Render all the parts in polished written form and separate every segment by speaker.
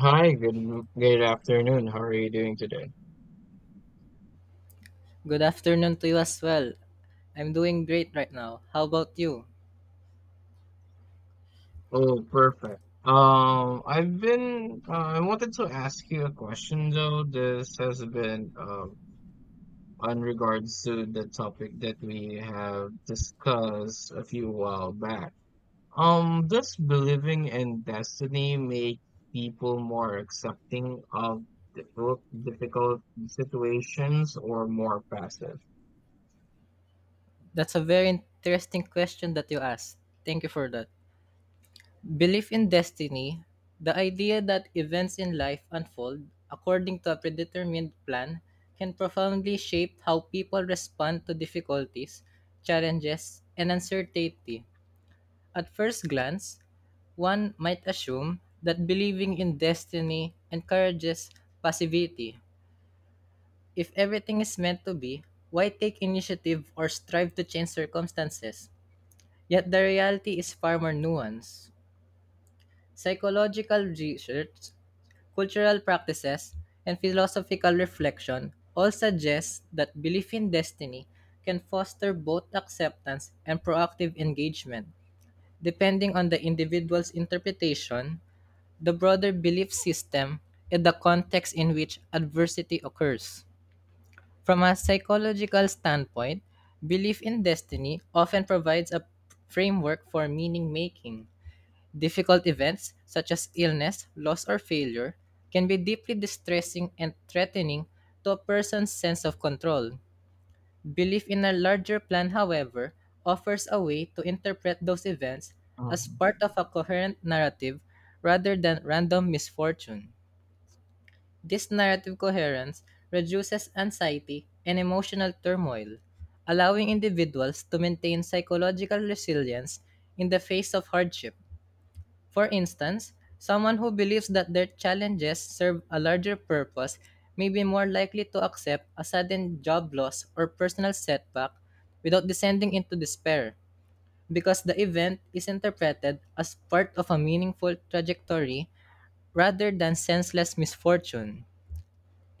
Speaker 1: Hi, good afternoon. How are you doing today?
Speaker 2: Good afternoon to you as well. I'm doing great right now. How about you?
Speaker 1: Oh, perfect. I've been I wanted to ask you a question though. This has been on regards to the topic that we have discussed a few while back. Does believing in destiny make people more accepting of difficult situations or more passive?
Speaker 2: That's a very interesting question that you asked. Thank you for that. Belief in destiny, the idea that events in life unfold according to a predetermined plan, can profoundly shape how people respond to difficulties, challenges, and uncertainty. At first glance, one might assume that believing in destiny encourages passivity. If everything is meant to be, why take initiative or strive to change circumstances? Yet the reality is far more nuanced. Psychological research, cultural practices, and philosophical reflection all suggest that belief in destiny can foster both acceptance and proactive engagement, depending on the individual's interpretation, the broader belief system, and the context in which adversity occurs. From a psychological standpoint, belief in destiny often provides a framework for meaning making. Difficult events, such as illness, loss, or failure, can be deeply distressing and threatening to a person's sense of control. Belief in a larger plan, however, offers a way to interpret those events as
Speaker 1: Mhm.
Speaker 2: part of a coherent narrative rather than random misfortune. This narrative coherence reduces anxiety and emotional turmoil, allowing individuals to maintain psychological resilience in the face of hardship. For instance, someone who believes that their challenges serve a larger purpose may be more likely to accept a sudden job loss or personal setback without descending into despair, because the event is interpreted as part of a meaningful trajectory rather than senseless misfortune.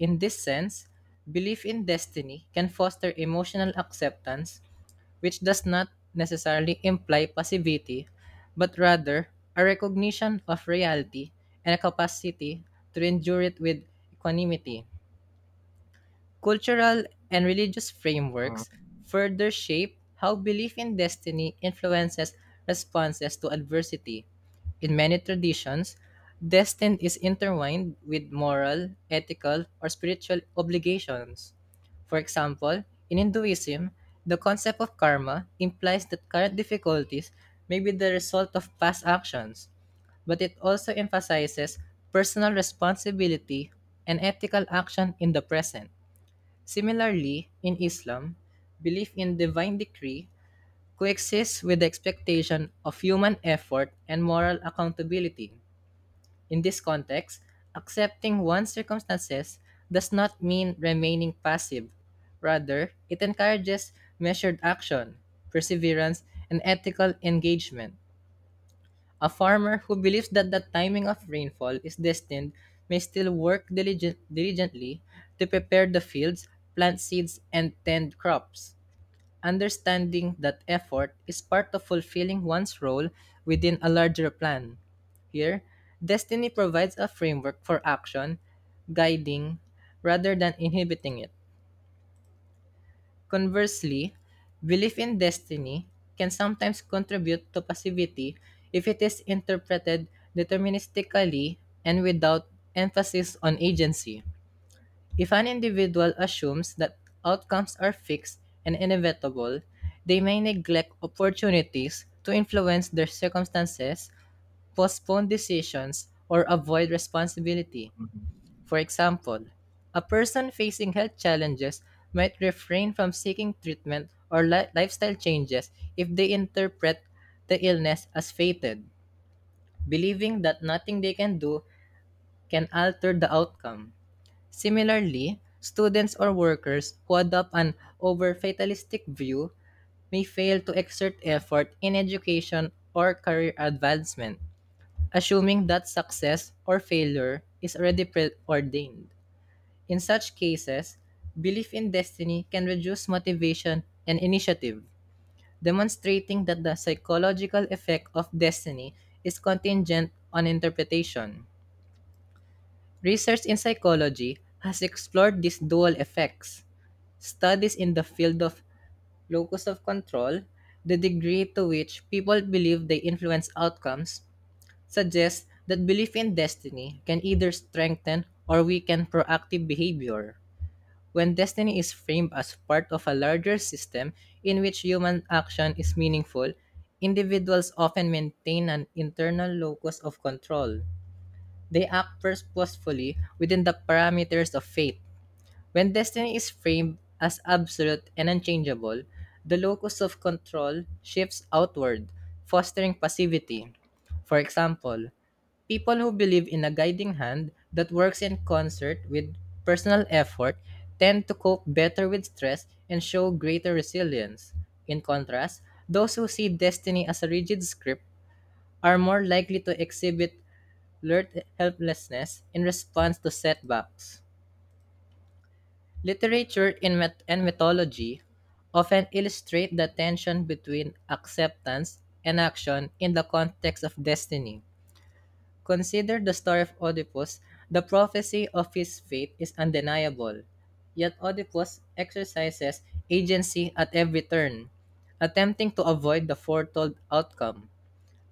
Speaker 2: In this sense, belief in destiny can foster emotional acceptance, which does not necessarily imply passivity, but rather a recognition of reality and a capacity to endure it with equanimity. Cultural and religious
Speaker 1: Mhm.
Speaker 2: frameworks further shape how belief in destiny influences responses to adversity. In many traditions, destiny is intertwined with moral, ethical, or spiritual obligations. For example, in Hinduism, the concept of karma implies that current difficulties may be the result of past actions, but it also emphasizes personal responsibility and ethical action in the present. Similarly, in Islam, belief in divine decree coexists with the expectation of human effort and moral accountability. In this context, accepting one's circumstances does not mean remaining passive. Rather, it encourages measured action, perseverance, and ethical engagement. A farmer who believes that the timing of rainfall is destined may still work diligently to prepare the fields, plant seeds, and tend crops, understanding that effort is part of fulfilling one's role within a larger plan. Here, destiny provides a framework for action, guiding rather than inhibiting it. Conversely, belief in destiny can sometimes contribute to passivity if it is interpreted deterministically and without emphasis on agency. If an individual assumes that outcomes are fixed and inevitable, they may neglect opportunities to influence their circumstances, postpone decisions, or avoid responsibility. For example, a person facing health challenges might refrain from seeking treatment or lifestyle changes if they interpret the illness as fated, believing that nothing they can do can alter the outcome. Similarly, students or workers who adopt an over fatalistic view may fail to exert effort in education or career advancement, assuming that success or failure is already preordained. In such cases, belief in destiny can reduce motivation and initiative, demonstrating that the psychological effect of destiny is contingent on interpretation. Research in psychology has explored these dual effects. Studies in the field of locus of control, the degree to which people believe they influence outcomes, suggest that belief in destiny can either strengthen or weaken proactive behavior. When destiny is framed as part of a larger system in which human action is meaningful, individuals often maintain an internal locus of control. They act purposefully within the parameters of fate. When destiny is framed as absolute and unchangeable, the locus of control shifts outward, fostering passivity. For example, people who believe in a guiding hand that works in concert with personal effort tend to cope better with stress and show greater resilience. In contrast, those who see destiny as a rigid script are more likely to exhibit alert helplessness in response to setbacks. Literature in myth- and mythology often illustrate the tension between acceptance and action in the context of destiny. Consider the story of Oedipus. The prophecy of his fate is undeniable, yet Oedipus exercises agency at every turn, attempting to avoid the foretold outcome.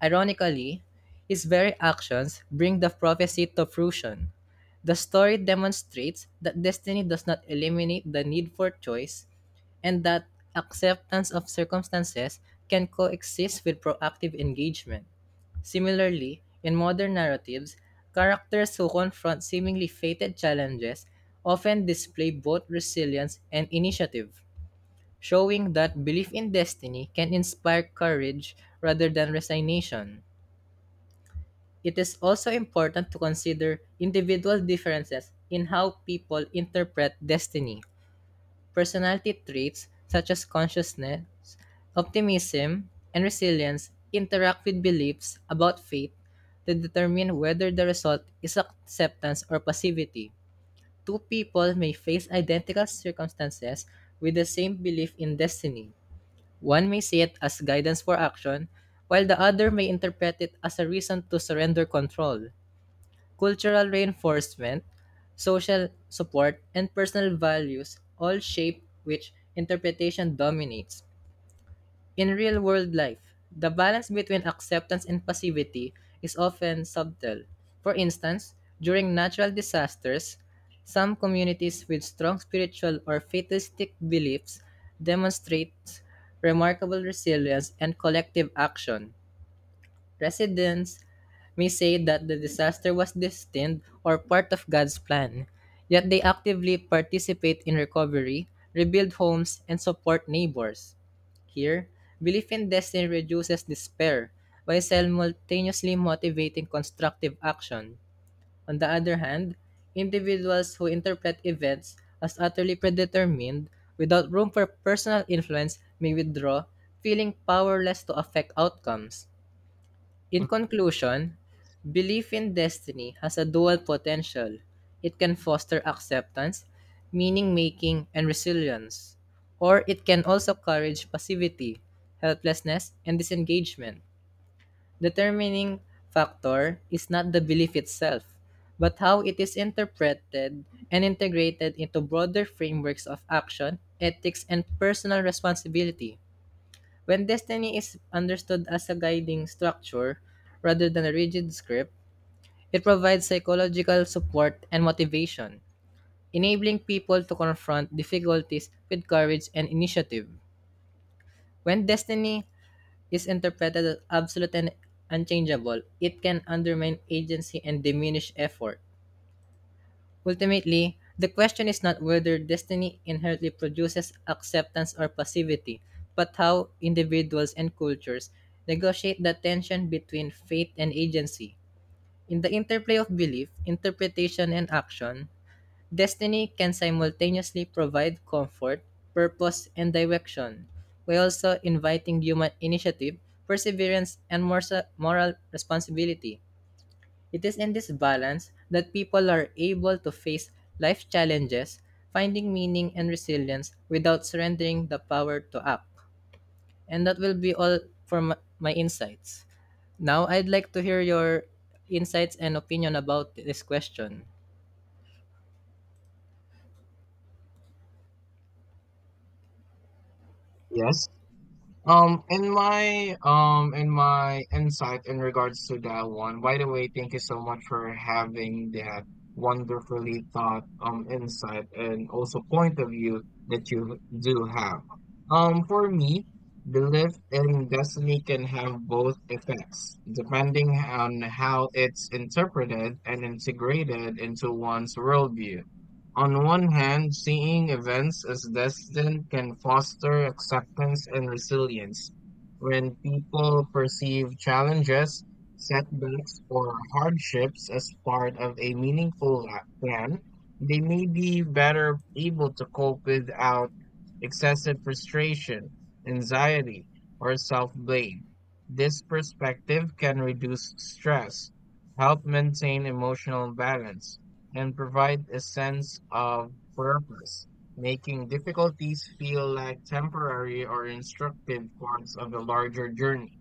Speaker 2: Ironically, his very actions bring the prophecy to fruition. The story demonstrates that destiny does not eliminate the need for choice and that acceptance of circumstances can coexist with proactive engagement. Similarly, in modern narratives, characters who confront seemingly fated challenges often display both resilience and initiative, showing that belief in destiny can inspire courage rather than resignation. It is also important to consider individual differences in how people interpret destiny. Personality traits such as consciousness, optimism, and resilience interact with beliefs about fate to determine whether the result is acceptance or passivity. Two people may face identical circumstances with the same belief in destiny. One may see it as guidance for action, while the other may interpret it as a reason to surrender control. Cultural reinforcement, social support, and personal values all shape which interpretation dominates. In real world life, the balance between acceptance and passivity is often subtle. For instance, during natural disasters, some communities with strong spiritual or fatalistic beliefs demonstrate remarkable resilience and collective action. Residents may say that the disaster was destined or part of God's plan, yet they actively participate in recovery, rebuild homes, and support neighbors. Here, belief in destiny reduces despair by simultaneously motivating constructive action. On the other hand, individuals who interpret events as utterly predetermined without room for personal influence may withdraw, feeling powerless to affect outcomes.
Speaker 1: Mhm.
Speaker 2: In conclusion, belief in destiny has a dual potential. It can foster acceptance, meaning making, and resilience, or it can also encourage passivity, helplessness, and disengagement. Determining factor is not the belief itself, but how it is interpreted and integrated into broader frameworks of action, ethics, and personal responsibility. When destiny is understood as a guiding structure rather than a rigid script, it provides psychological support and motivation, enabling people to confront difficulties with courage and initiative. When destiny is interpreted as absolute and unchangeable, it can undermine agency and diminish effort. Ultimately, the question is not whether destiny inherently produces acceptance or passivity, but how individuals and cultures negotiate the tension between fate and agency. In the interplay of belief, interpretation, and action, destiny can simultaneously provide comfort, purpose, and direction, while also inviting human initiative, perseverance, and moral responsibility. It is in this balance that people are able to face life challenges, finding meaning and resilience without surrendering the power to act. And that will be all for my insights. Now, I'd like to hear your insights and opinion about this question.
Speaker 1: Yes. In my insight in regards to that one. By the way, thank you so much for having that wonderfully thought insight and also point of view that you do have. For me, belief in destiny can have both effects depending on how it's interpreted and integrated into one's worldview. On one hand, seeing events as destined can foster acceptance and resilience. When people perceive challenges, setbacks, or hardships as part of a plan, they may be better able to cope without excessive frustration, anxiety, or self blame. This perspective can reduce stress, help maintain emotional balance and provide a sense of purpose, making difficulties feel like temporary or instructive parts of a larger journey.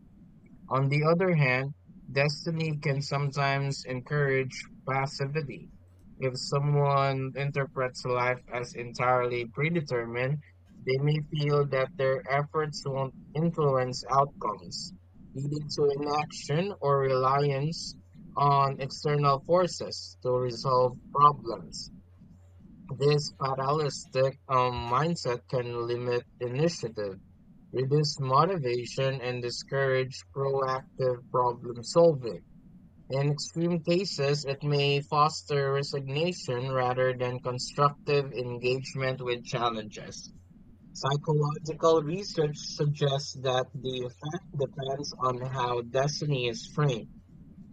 Speaker 1: On the other hand, destiny can sometimes encourage passivity. If someone interprets life as entirely predetermined, they may feel that their efforts won't influence outcomes, leading to inaction or reliance on external forces to resolve problems. This fatalistic mindset can limit initiative, reduce motivation, and discourage proactive problem solving. In extreme cases, it may foster resignation rather than constructive engagement with challenges. Psychological research suggests that the effect depends on how destiny is framed.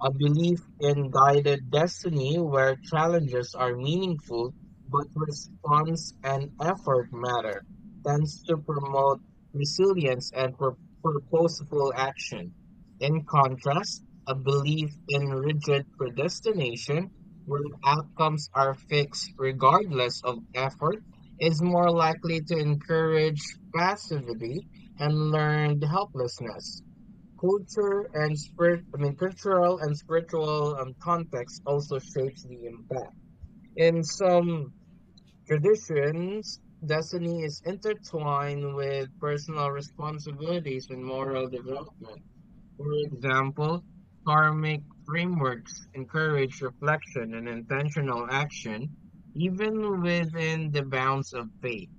Speaker 1: A belief in guided destiny where challenges are meaningful, but response and effort matter, tends to promote resilience and purposeful action. In contrast, a belief in rigid predestination, where outcomes are fixed regardless of effort, is more likely to encourage passivity and learned helplessness. Culture and spirit, I mean, cultural and spiritual context also shapes the impact. In some traditions, destiny is intertwined with personal responsibilities and moral development. For example, karmic frameworks encourage reflection and intentional action, even within the bounds of faith.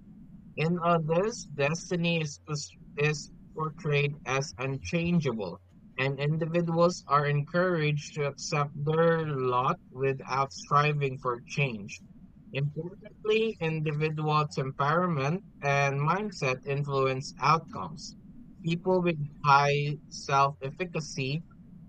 Speaker 1: In others, destiny is portrayed as unchangeable, and individuals are encouraged to accept their lot without striving for change. Importantly, individual temperament and mindset influence outcomes. People with high self efficacy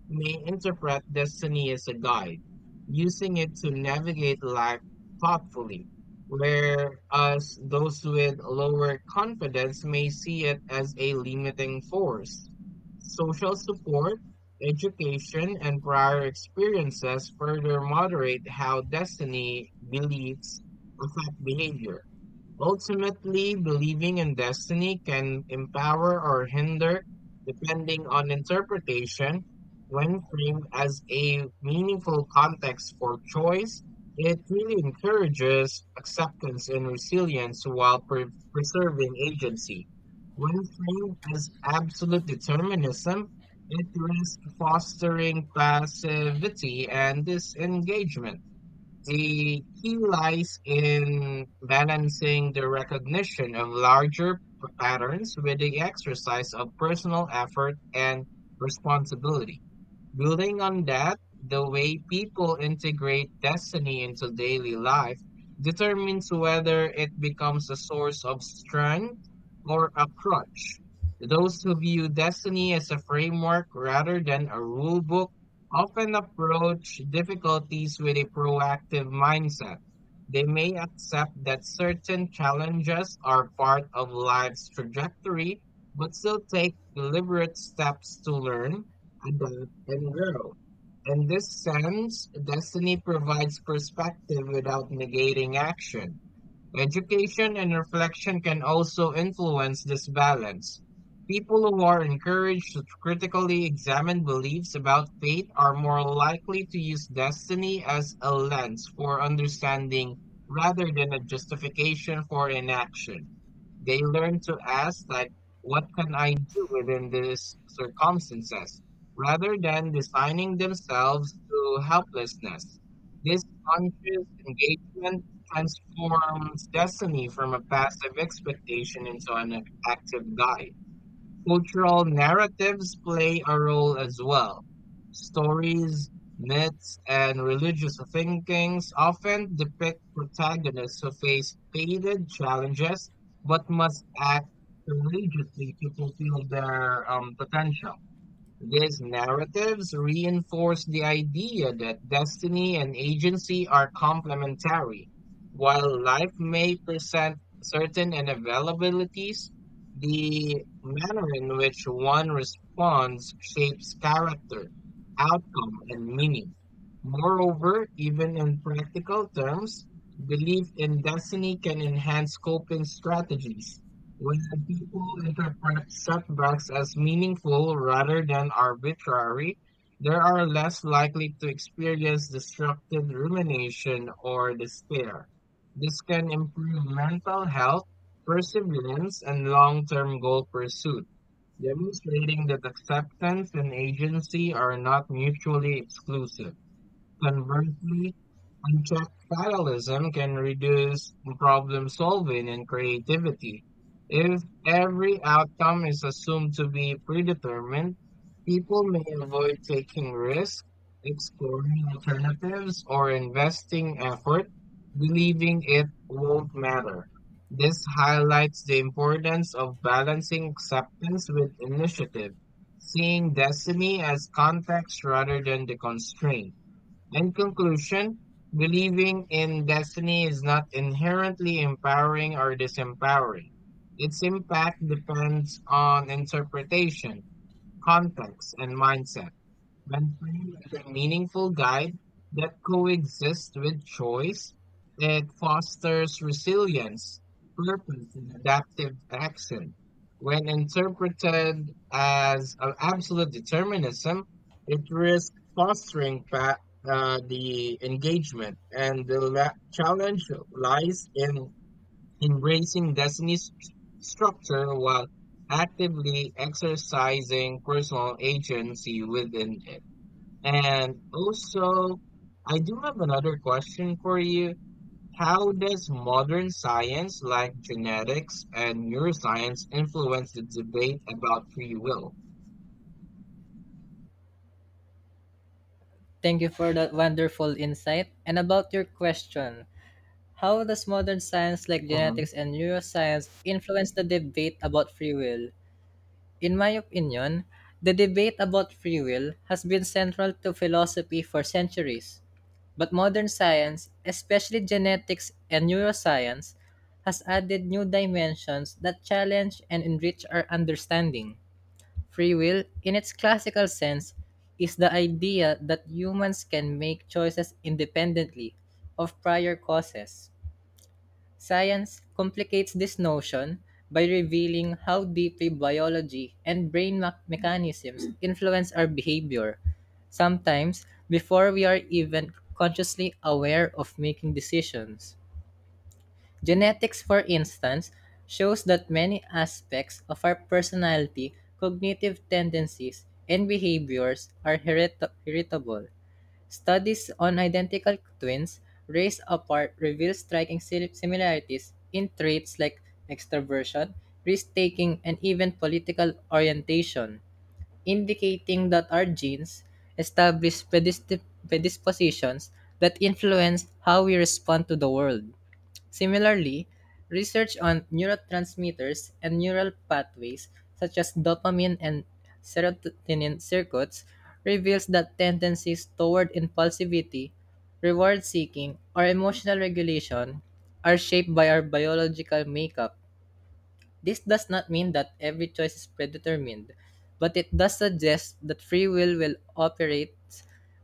Speaker 1: may interpret destiny as a guide, using it to navigate life thoughtfully, whereas those with lower confidence may see it as a limiting force. Social support, education, and prior experiences further moderate how destiny beliefs affect behavior. Ultimately, believing in destiny can empower or hinder, depending on interpretation. When framed as a meaningful context for choice, it really encourages acceptance and resilience while preserving agency. When framed as absolute determinism, it risks fostering passivity and disengagement. The key lies in balancing the recognition of larger patterns with the exercise of personal effort and responsibility. Building on that, the way people integrate destiny into daily life determines whether it becomes a source of strength or a crutch. Those who view destiny as a framework rather than a rule book often approach difficulties with a proactive mindset. They may accept that certain challenges are part of life's trajectory, but still take deliberate steps to learn, adapt, and grow. In this sense, destiny provides perspective without negating action. Education and reflection can also influence this balance. People who are encouraged to critically examine beliefs about fate are more likely to use destiny as a lens for understanding rather than a justification for inaction. They learn to ask, like, what can I do within these circumstances, rather than designing themselves to helplessness. This conscious engagement transforms destiny from a passive expectation into an active guide. Cultural narratives play a role as well. Stories, myths, and religious thinkings often depict protagonists who face stated challenges but must act courageously to fulfill their potential. These narratives reinforce the idea that destiny and agency are complementary. While life may present certain inevitabilities, the manner in which one responds shapes character, outcome, and meaning. Moreover, even in practical terms, belief in destiny can enhance coping strategies when people interpret setbacks as meaningful rather than arbitrary, they are less likely to experience destructive rumination or despair. This can improve mental health, perseverance, and long term goal pursuit, demonstrating that acceptance and agency are not mutually exclusive. Conversely, unchecked fatalism can reduce problem solving and creativity. If every outcome is assumed to be predetermined, people may avoid taking risks, exploring alternatives, or investing effort, believing it won't matter. This highlights the importance of balancing acceptance with initiative, seeing destiny as context rather than the constraint. In conclusion, believing in destiny is not inherently empowering or disempowering. Its impact depends on interpretation, context, and mindset. When framed is a meaningful guide that coexists with choice, it fosters resilience, purpose, and adaptive action. When interpreted as a absolute determinism, it risks fostering the engagement, and the challenge lies in embracing destiny's structure while actively exercising personal agency within it. And also, I do have another question for you. How does modern science like genetics and neuroscience influence the debate about free will?
Speaker 2: Thank you for that wonderful insight. And about your question, how does modern science like genetics and neuroscience influence the debate about free will? In my opinion, the debate about free will has been central to philosophy for centuries, but modern science, especially genetics and neuroscience, has added new dimensions that challenge and enrich our understanding. Free will, in its classical sense, is the idea that humans can make choices independently of prior causes. Science complicates this notion by revealing how deeply biology and mechanisms influence our behavior, sometimes before we are even consciously aware of making decisions. Genetics, for instance, shows that many aspects of our personality, cognitive tendencies, and behaviors are heritable. Studies on identical twins raised apart reveal striking similarities in traits like extroversion, risk taking, and even political orientation, indicating that our genes establish predispositions that influence how we respond to the world. Similarly, research on neurotransmitters and neural pathways such as dopamine and serotonin circuits reveals that tendencies toward impulsivity, reward seeking, or emotional regulation are shaped by our biological makeup. This does not mean that every choice is predetermined, but it does suggest that free will operate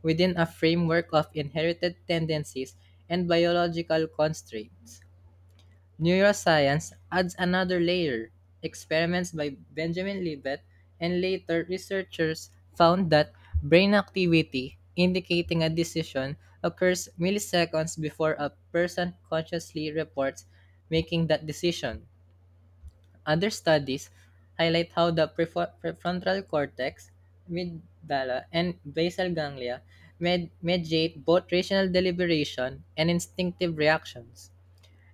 Speaker 2: within a framework of inherited tendencies and biological constraints. Neuroscience adds another layer. Experiments by Benjamin Libet and later researchers found that brain activity indicating a decision occurs milliseconds before a person consciously reports making that decision. Other studies highlight how the prefrontal cortex, amygdala, and basal ganglia mediate both rational deliberation and instinctive reactions.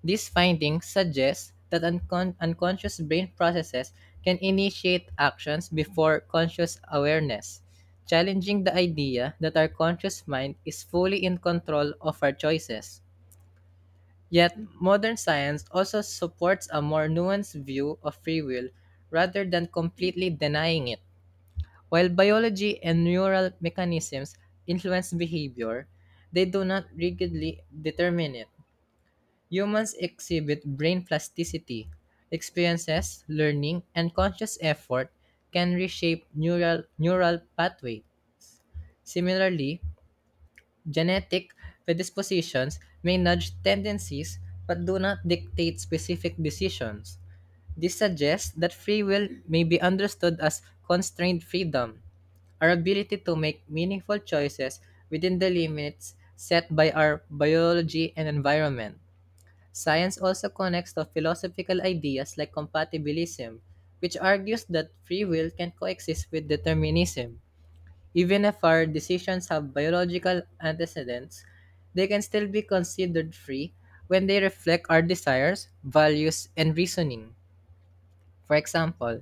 Speaker 2: These findings suggest that unconscious brain processes can initiate actions before conscious awareness, challenging the idea that our conscious mind is fully in control of our choices. Yet, modern science also supports a more nuanced view of free will rather than completely denying it. While biology and neural mechanisms influence behavior, they do not rigidly determine it. Humans exhibit brain plasticity. Experiences, learning, and conscious effort can reshape neural pathway. Similarly, genetic predispositions may nudge tendencies but do not dictate specific decisions. This suggests that free will may be understood as constrained freedom, our ability to make meaningful choices within the limits set by our biology and environment. Science also connects to philosophical ideas like compatibilism, which argues that free will can coexist with determinism. Even if our decisions have biological antecedents, they can still be considered free when they reflect our desires, values, and reasoning. For example,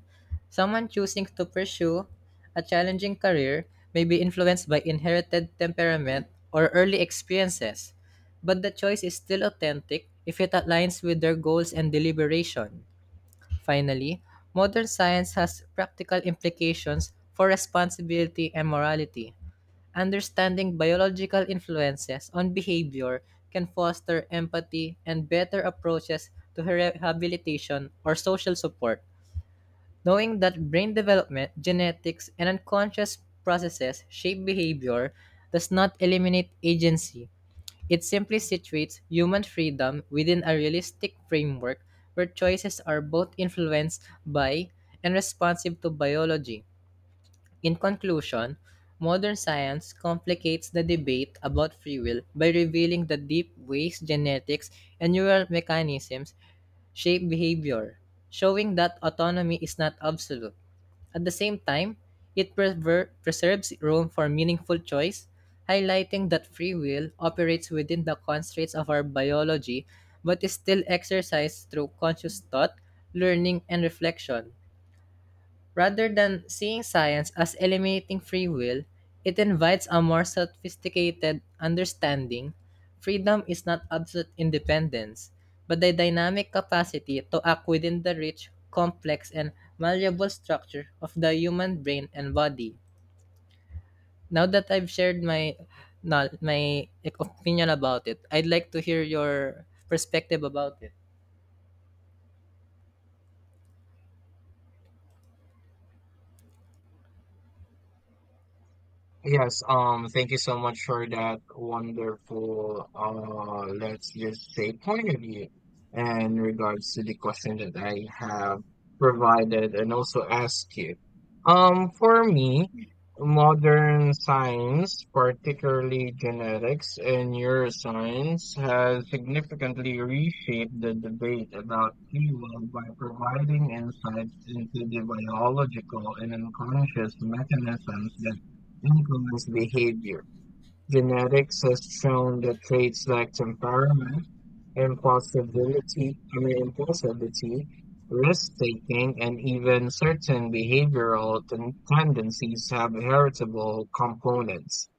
Speaker 2: someone choosing to pursue a challenging career may be influenced by inherited temperament or early experiences, but the choice is still authentic if it aligns with their goals and deliberation. Finally, modern science has practical implications for responsibility and morality. Understanding biological influences on behavior can foster empathy and better approaches to rehabilitation or social support. Knowing that brain development, genetics, and unconscious processes shape behavior does not eliminate agency. It simply situates human freedom within a realistic framework where choices are both influenced by and responsive to biology. In conclusion, modern science complicates the debate about free will by revealing the deep ways genetics and neural mechanisms shape behavior, showing that autonomy is not absolute. At the same time, it preserves room for meaningful choice, highlighting that free will operates within the constraints of our biology but is still exercised through conscious thought, learning, and reflection. Rather than seeing science as eliminating free will, it invites a more sophisticated understanding. Freedom is not absolute independence, but the dynamic capacity to act within the rich, complex, and malleable structure of the human brain and body. Now that I've shared my no, my opinion about it, I'd like to hear your perspective about it.
Speaker 1: Yes, thank you so much for that wonderful, let's just say point of view in regards to the question that I have provided and also asked you. For me, modern science, particularly genetics and neuroscience, has significantly reshaped the debate about free will by providing insights into the biological and unconscious mechanisms that influence behavior. Genetics has shown that traits like temperament, impulsivity, I mean impulsivity, risk taking, and even certain behavioral tendencies have heritable components.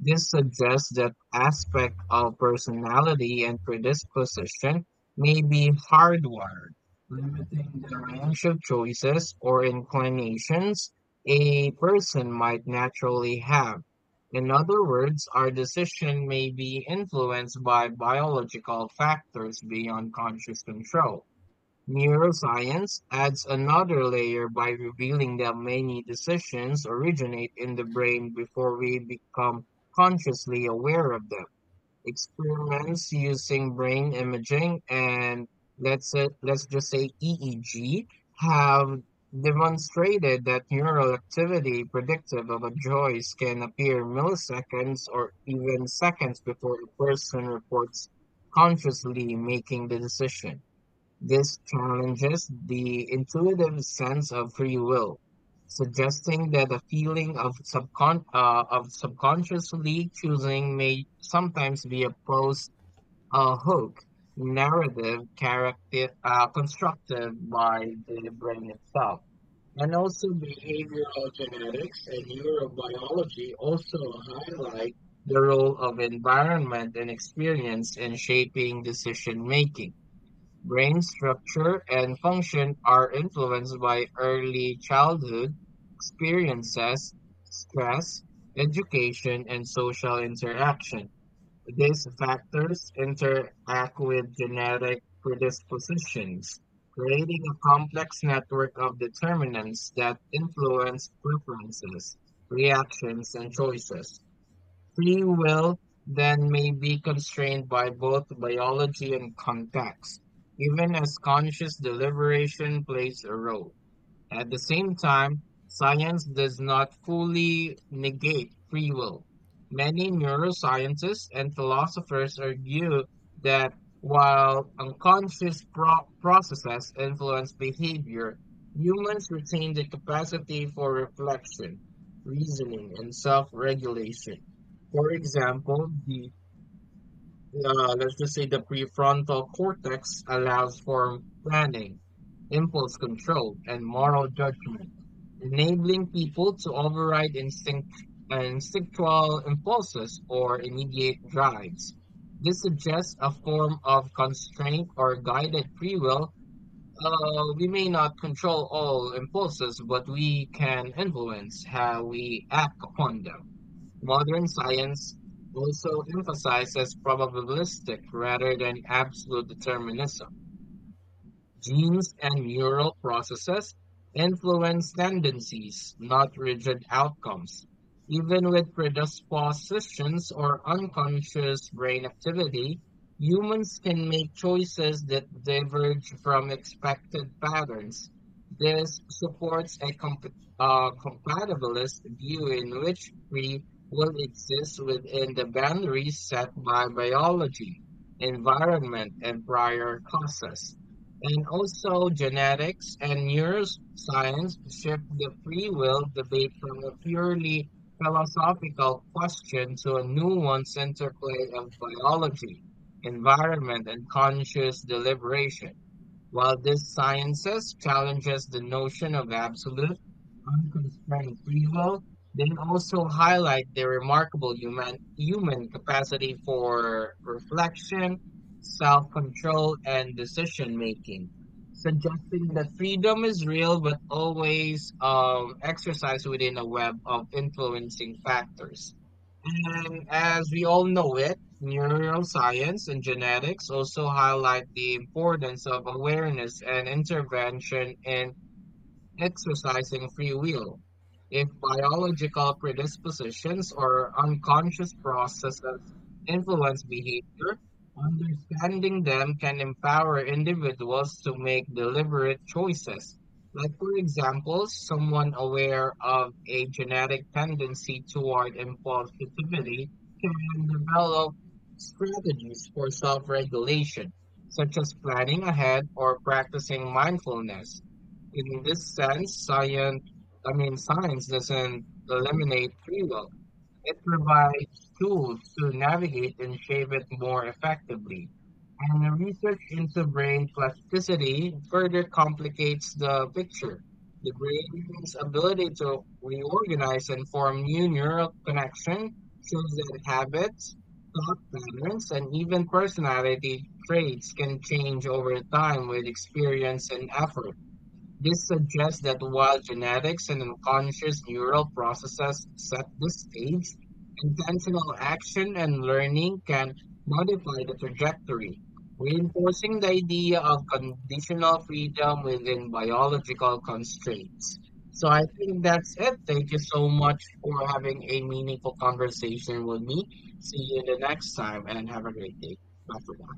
Speaker 1: This suggests that aspect of personality and predisposition may be hardwired, limiting the range of choices or inclinations a person might naturally have. In other words, our decision may be influenced by biological factors beyond conscious control. Neuroscience adds another layer by revealing that many decisions originate in the brain before we become consciously aware of them experiments using brain imaging and let's just say EEG have demonstrated that neural activity predictive of a joist can appear milliseconds or even seconds before the person reports consciously making the decision. This challenges the intuitive sense of free will, suggesting that a feeling of subconsciously choosing may sometimes be opposed a hook narrative character constructed by the brain itself. And also behavioral genetics and neurobiology also highlight the role of environment and experience in shaping decision making brain structure and function are influenced by early childhood experiences, stress, education, and social interaction. These factors interact with genetic predispositions, creating a complex network of determinants that influence preferences, reactions, and choices. Free will then may be constrained by both biology and context, even as conscious deliberation plays a role. At the same time, science does not fully negate free will. Many neuroscientists and philosophers argue that while unconscious processes influence behavior, humans retain the capacity for reflection, reasoning, and self regulation. For example, the let's just say the prefrontal cortex allows for planning, impulse control, and moral judgment, enabling people to override instinctual impulses or immediate drives. This suggests a form of constraint or guided free will. We may not control all impulses, but we can influence how we act upon them. Modern science also emphasizes probabilistic rather than absolute determinism. Genes and neural processes influence tendencies, not rigid outcomes. Even with predispositions or unconscious brain activity, humans can make choices that diverge from expected patterns. This supports a compatibilist view in which free will exist within the boundaries set by biology, environment, and prior causes. And also, genetics and neuroscience shift the free will debate from a purely philosophical question to a nuanced interplay of biology, environment, and conscious deliberation. While this sciences challenges the notion of absolute, unconstrained free will, they also highlight the remarkable human capacity for reflection, self-control, and decision making, suggesting that freedom is real but always exercised within a web of influencing factors. And as we all know it, neuroscience and genetics also highlight the importance of awareness and intervention in exercising free will. If biological predispositions or unconscious processes influence behavior, understanding them can empower individuals to make deliberate choices. Like, for example, someone aware of a genetic tendency toward impulsivity can develop strategies for self regulation, such as planning ahead or practicing mindfulness in this sense, science doesn't eliminate free will. It provides tools to navigate and shape it more effectively. And the research into brain plasticity further complicates the picture. The brain's ability to reorganize and form new neural connection shows that habits, thought patterns, and even personality traits can change over time with experience and effort. This suggests that while genetics and unconscious neural processes set the stage, intentional action and learning can modify the trajectory, reinforcing the idea of conditional freedom within biological constraints. So I think that's it. Thank you so much for having a meaningful conversation with me. See you the next time and have a great day. Bye for now.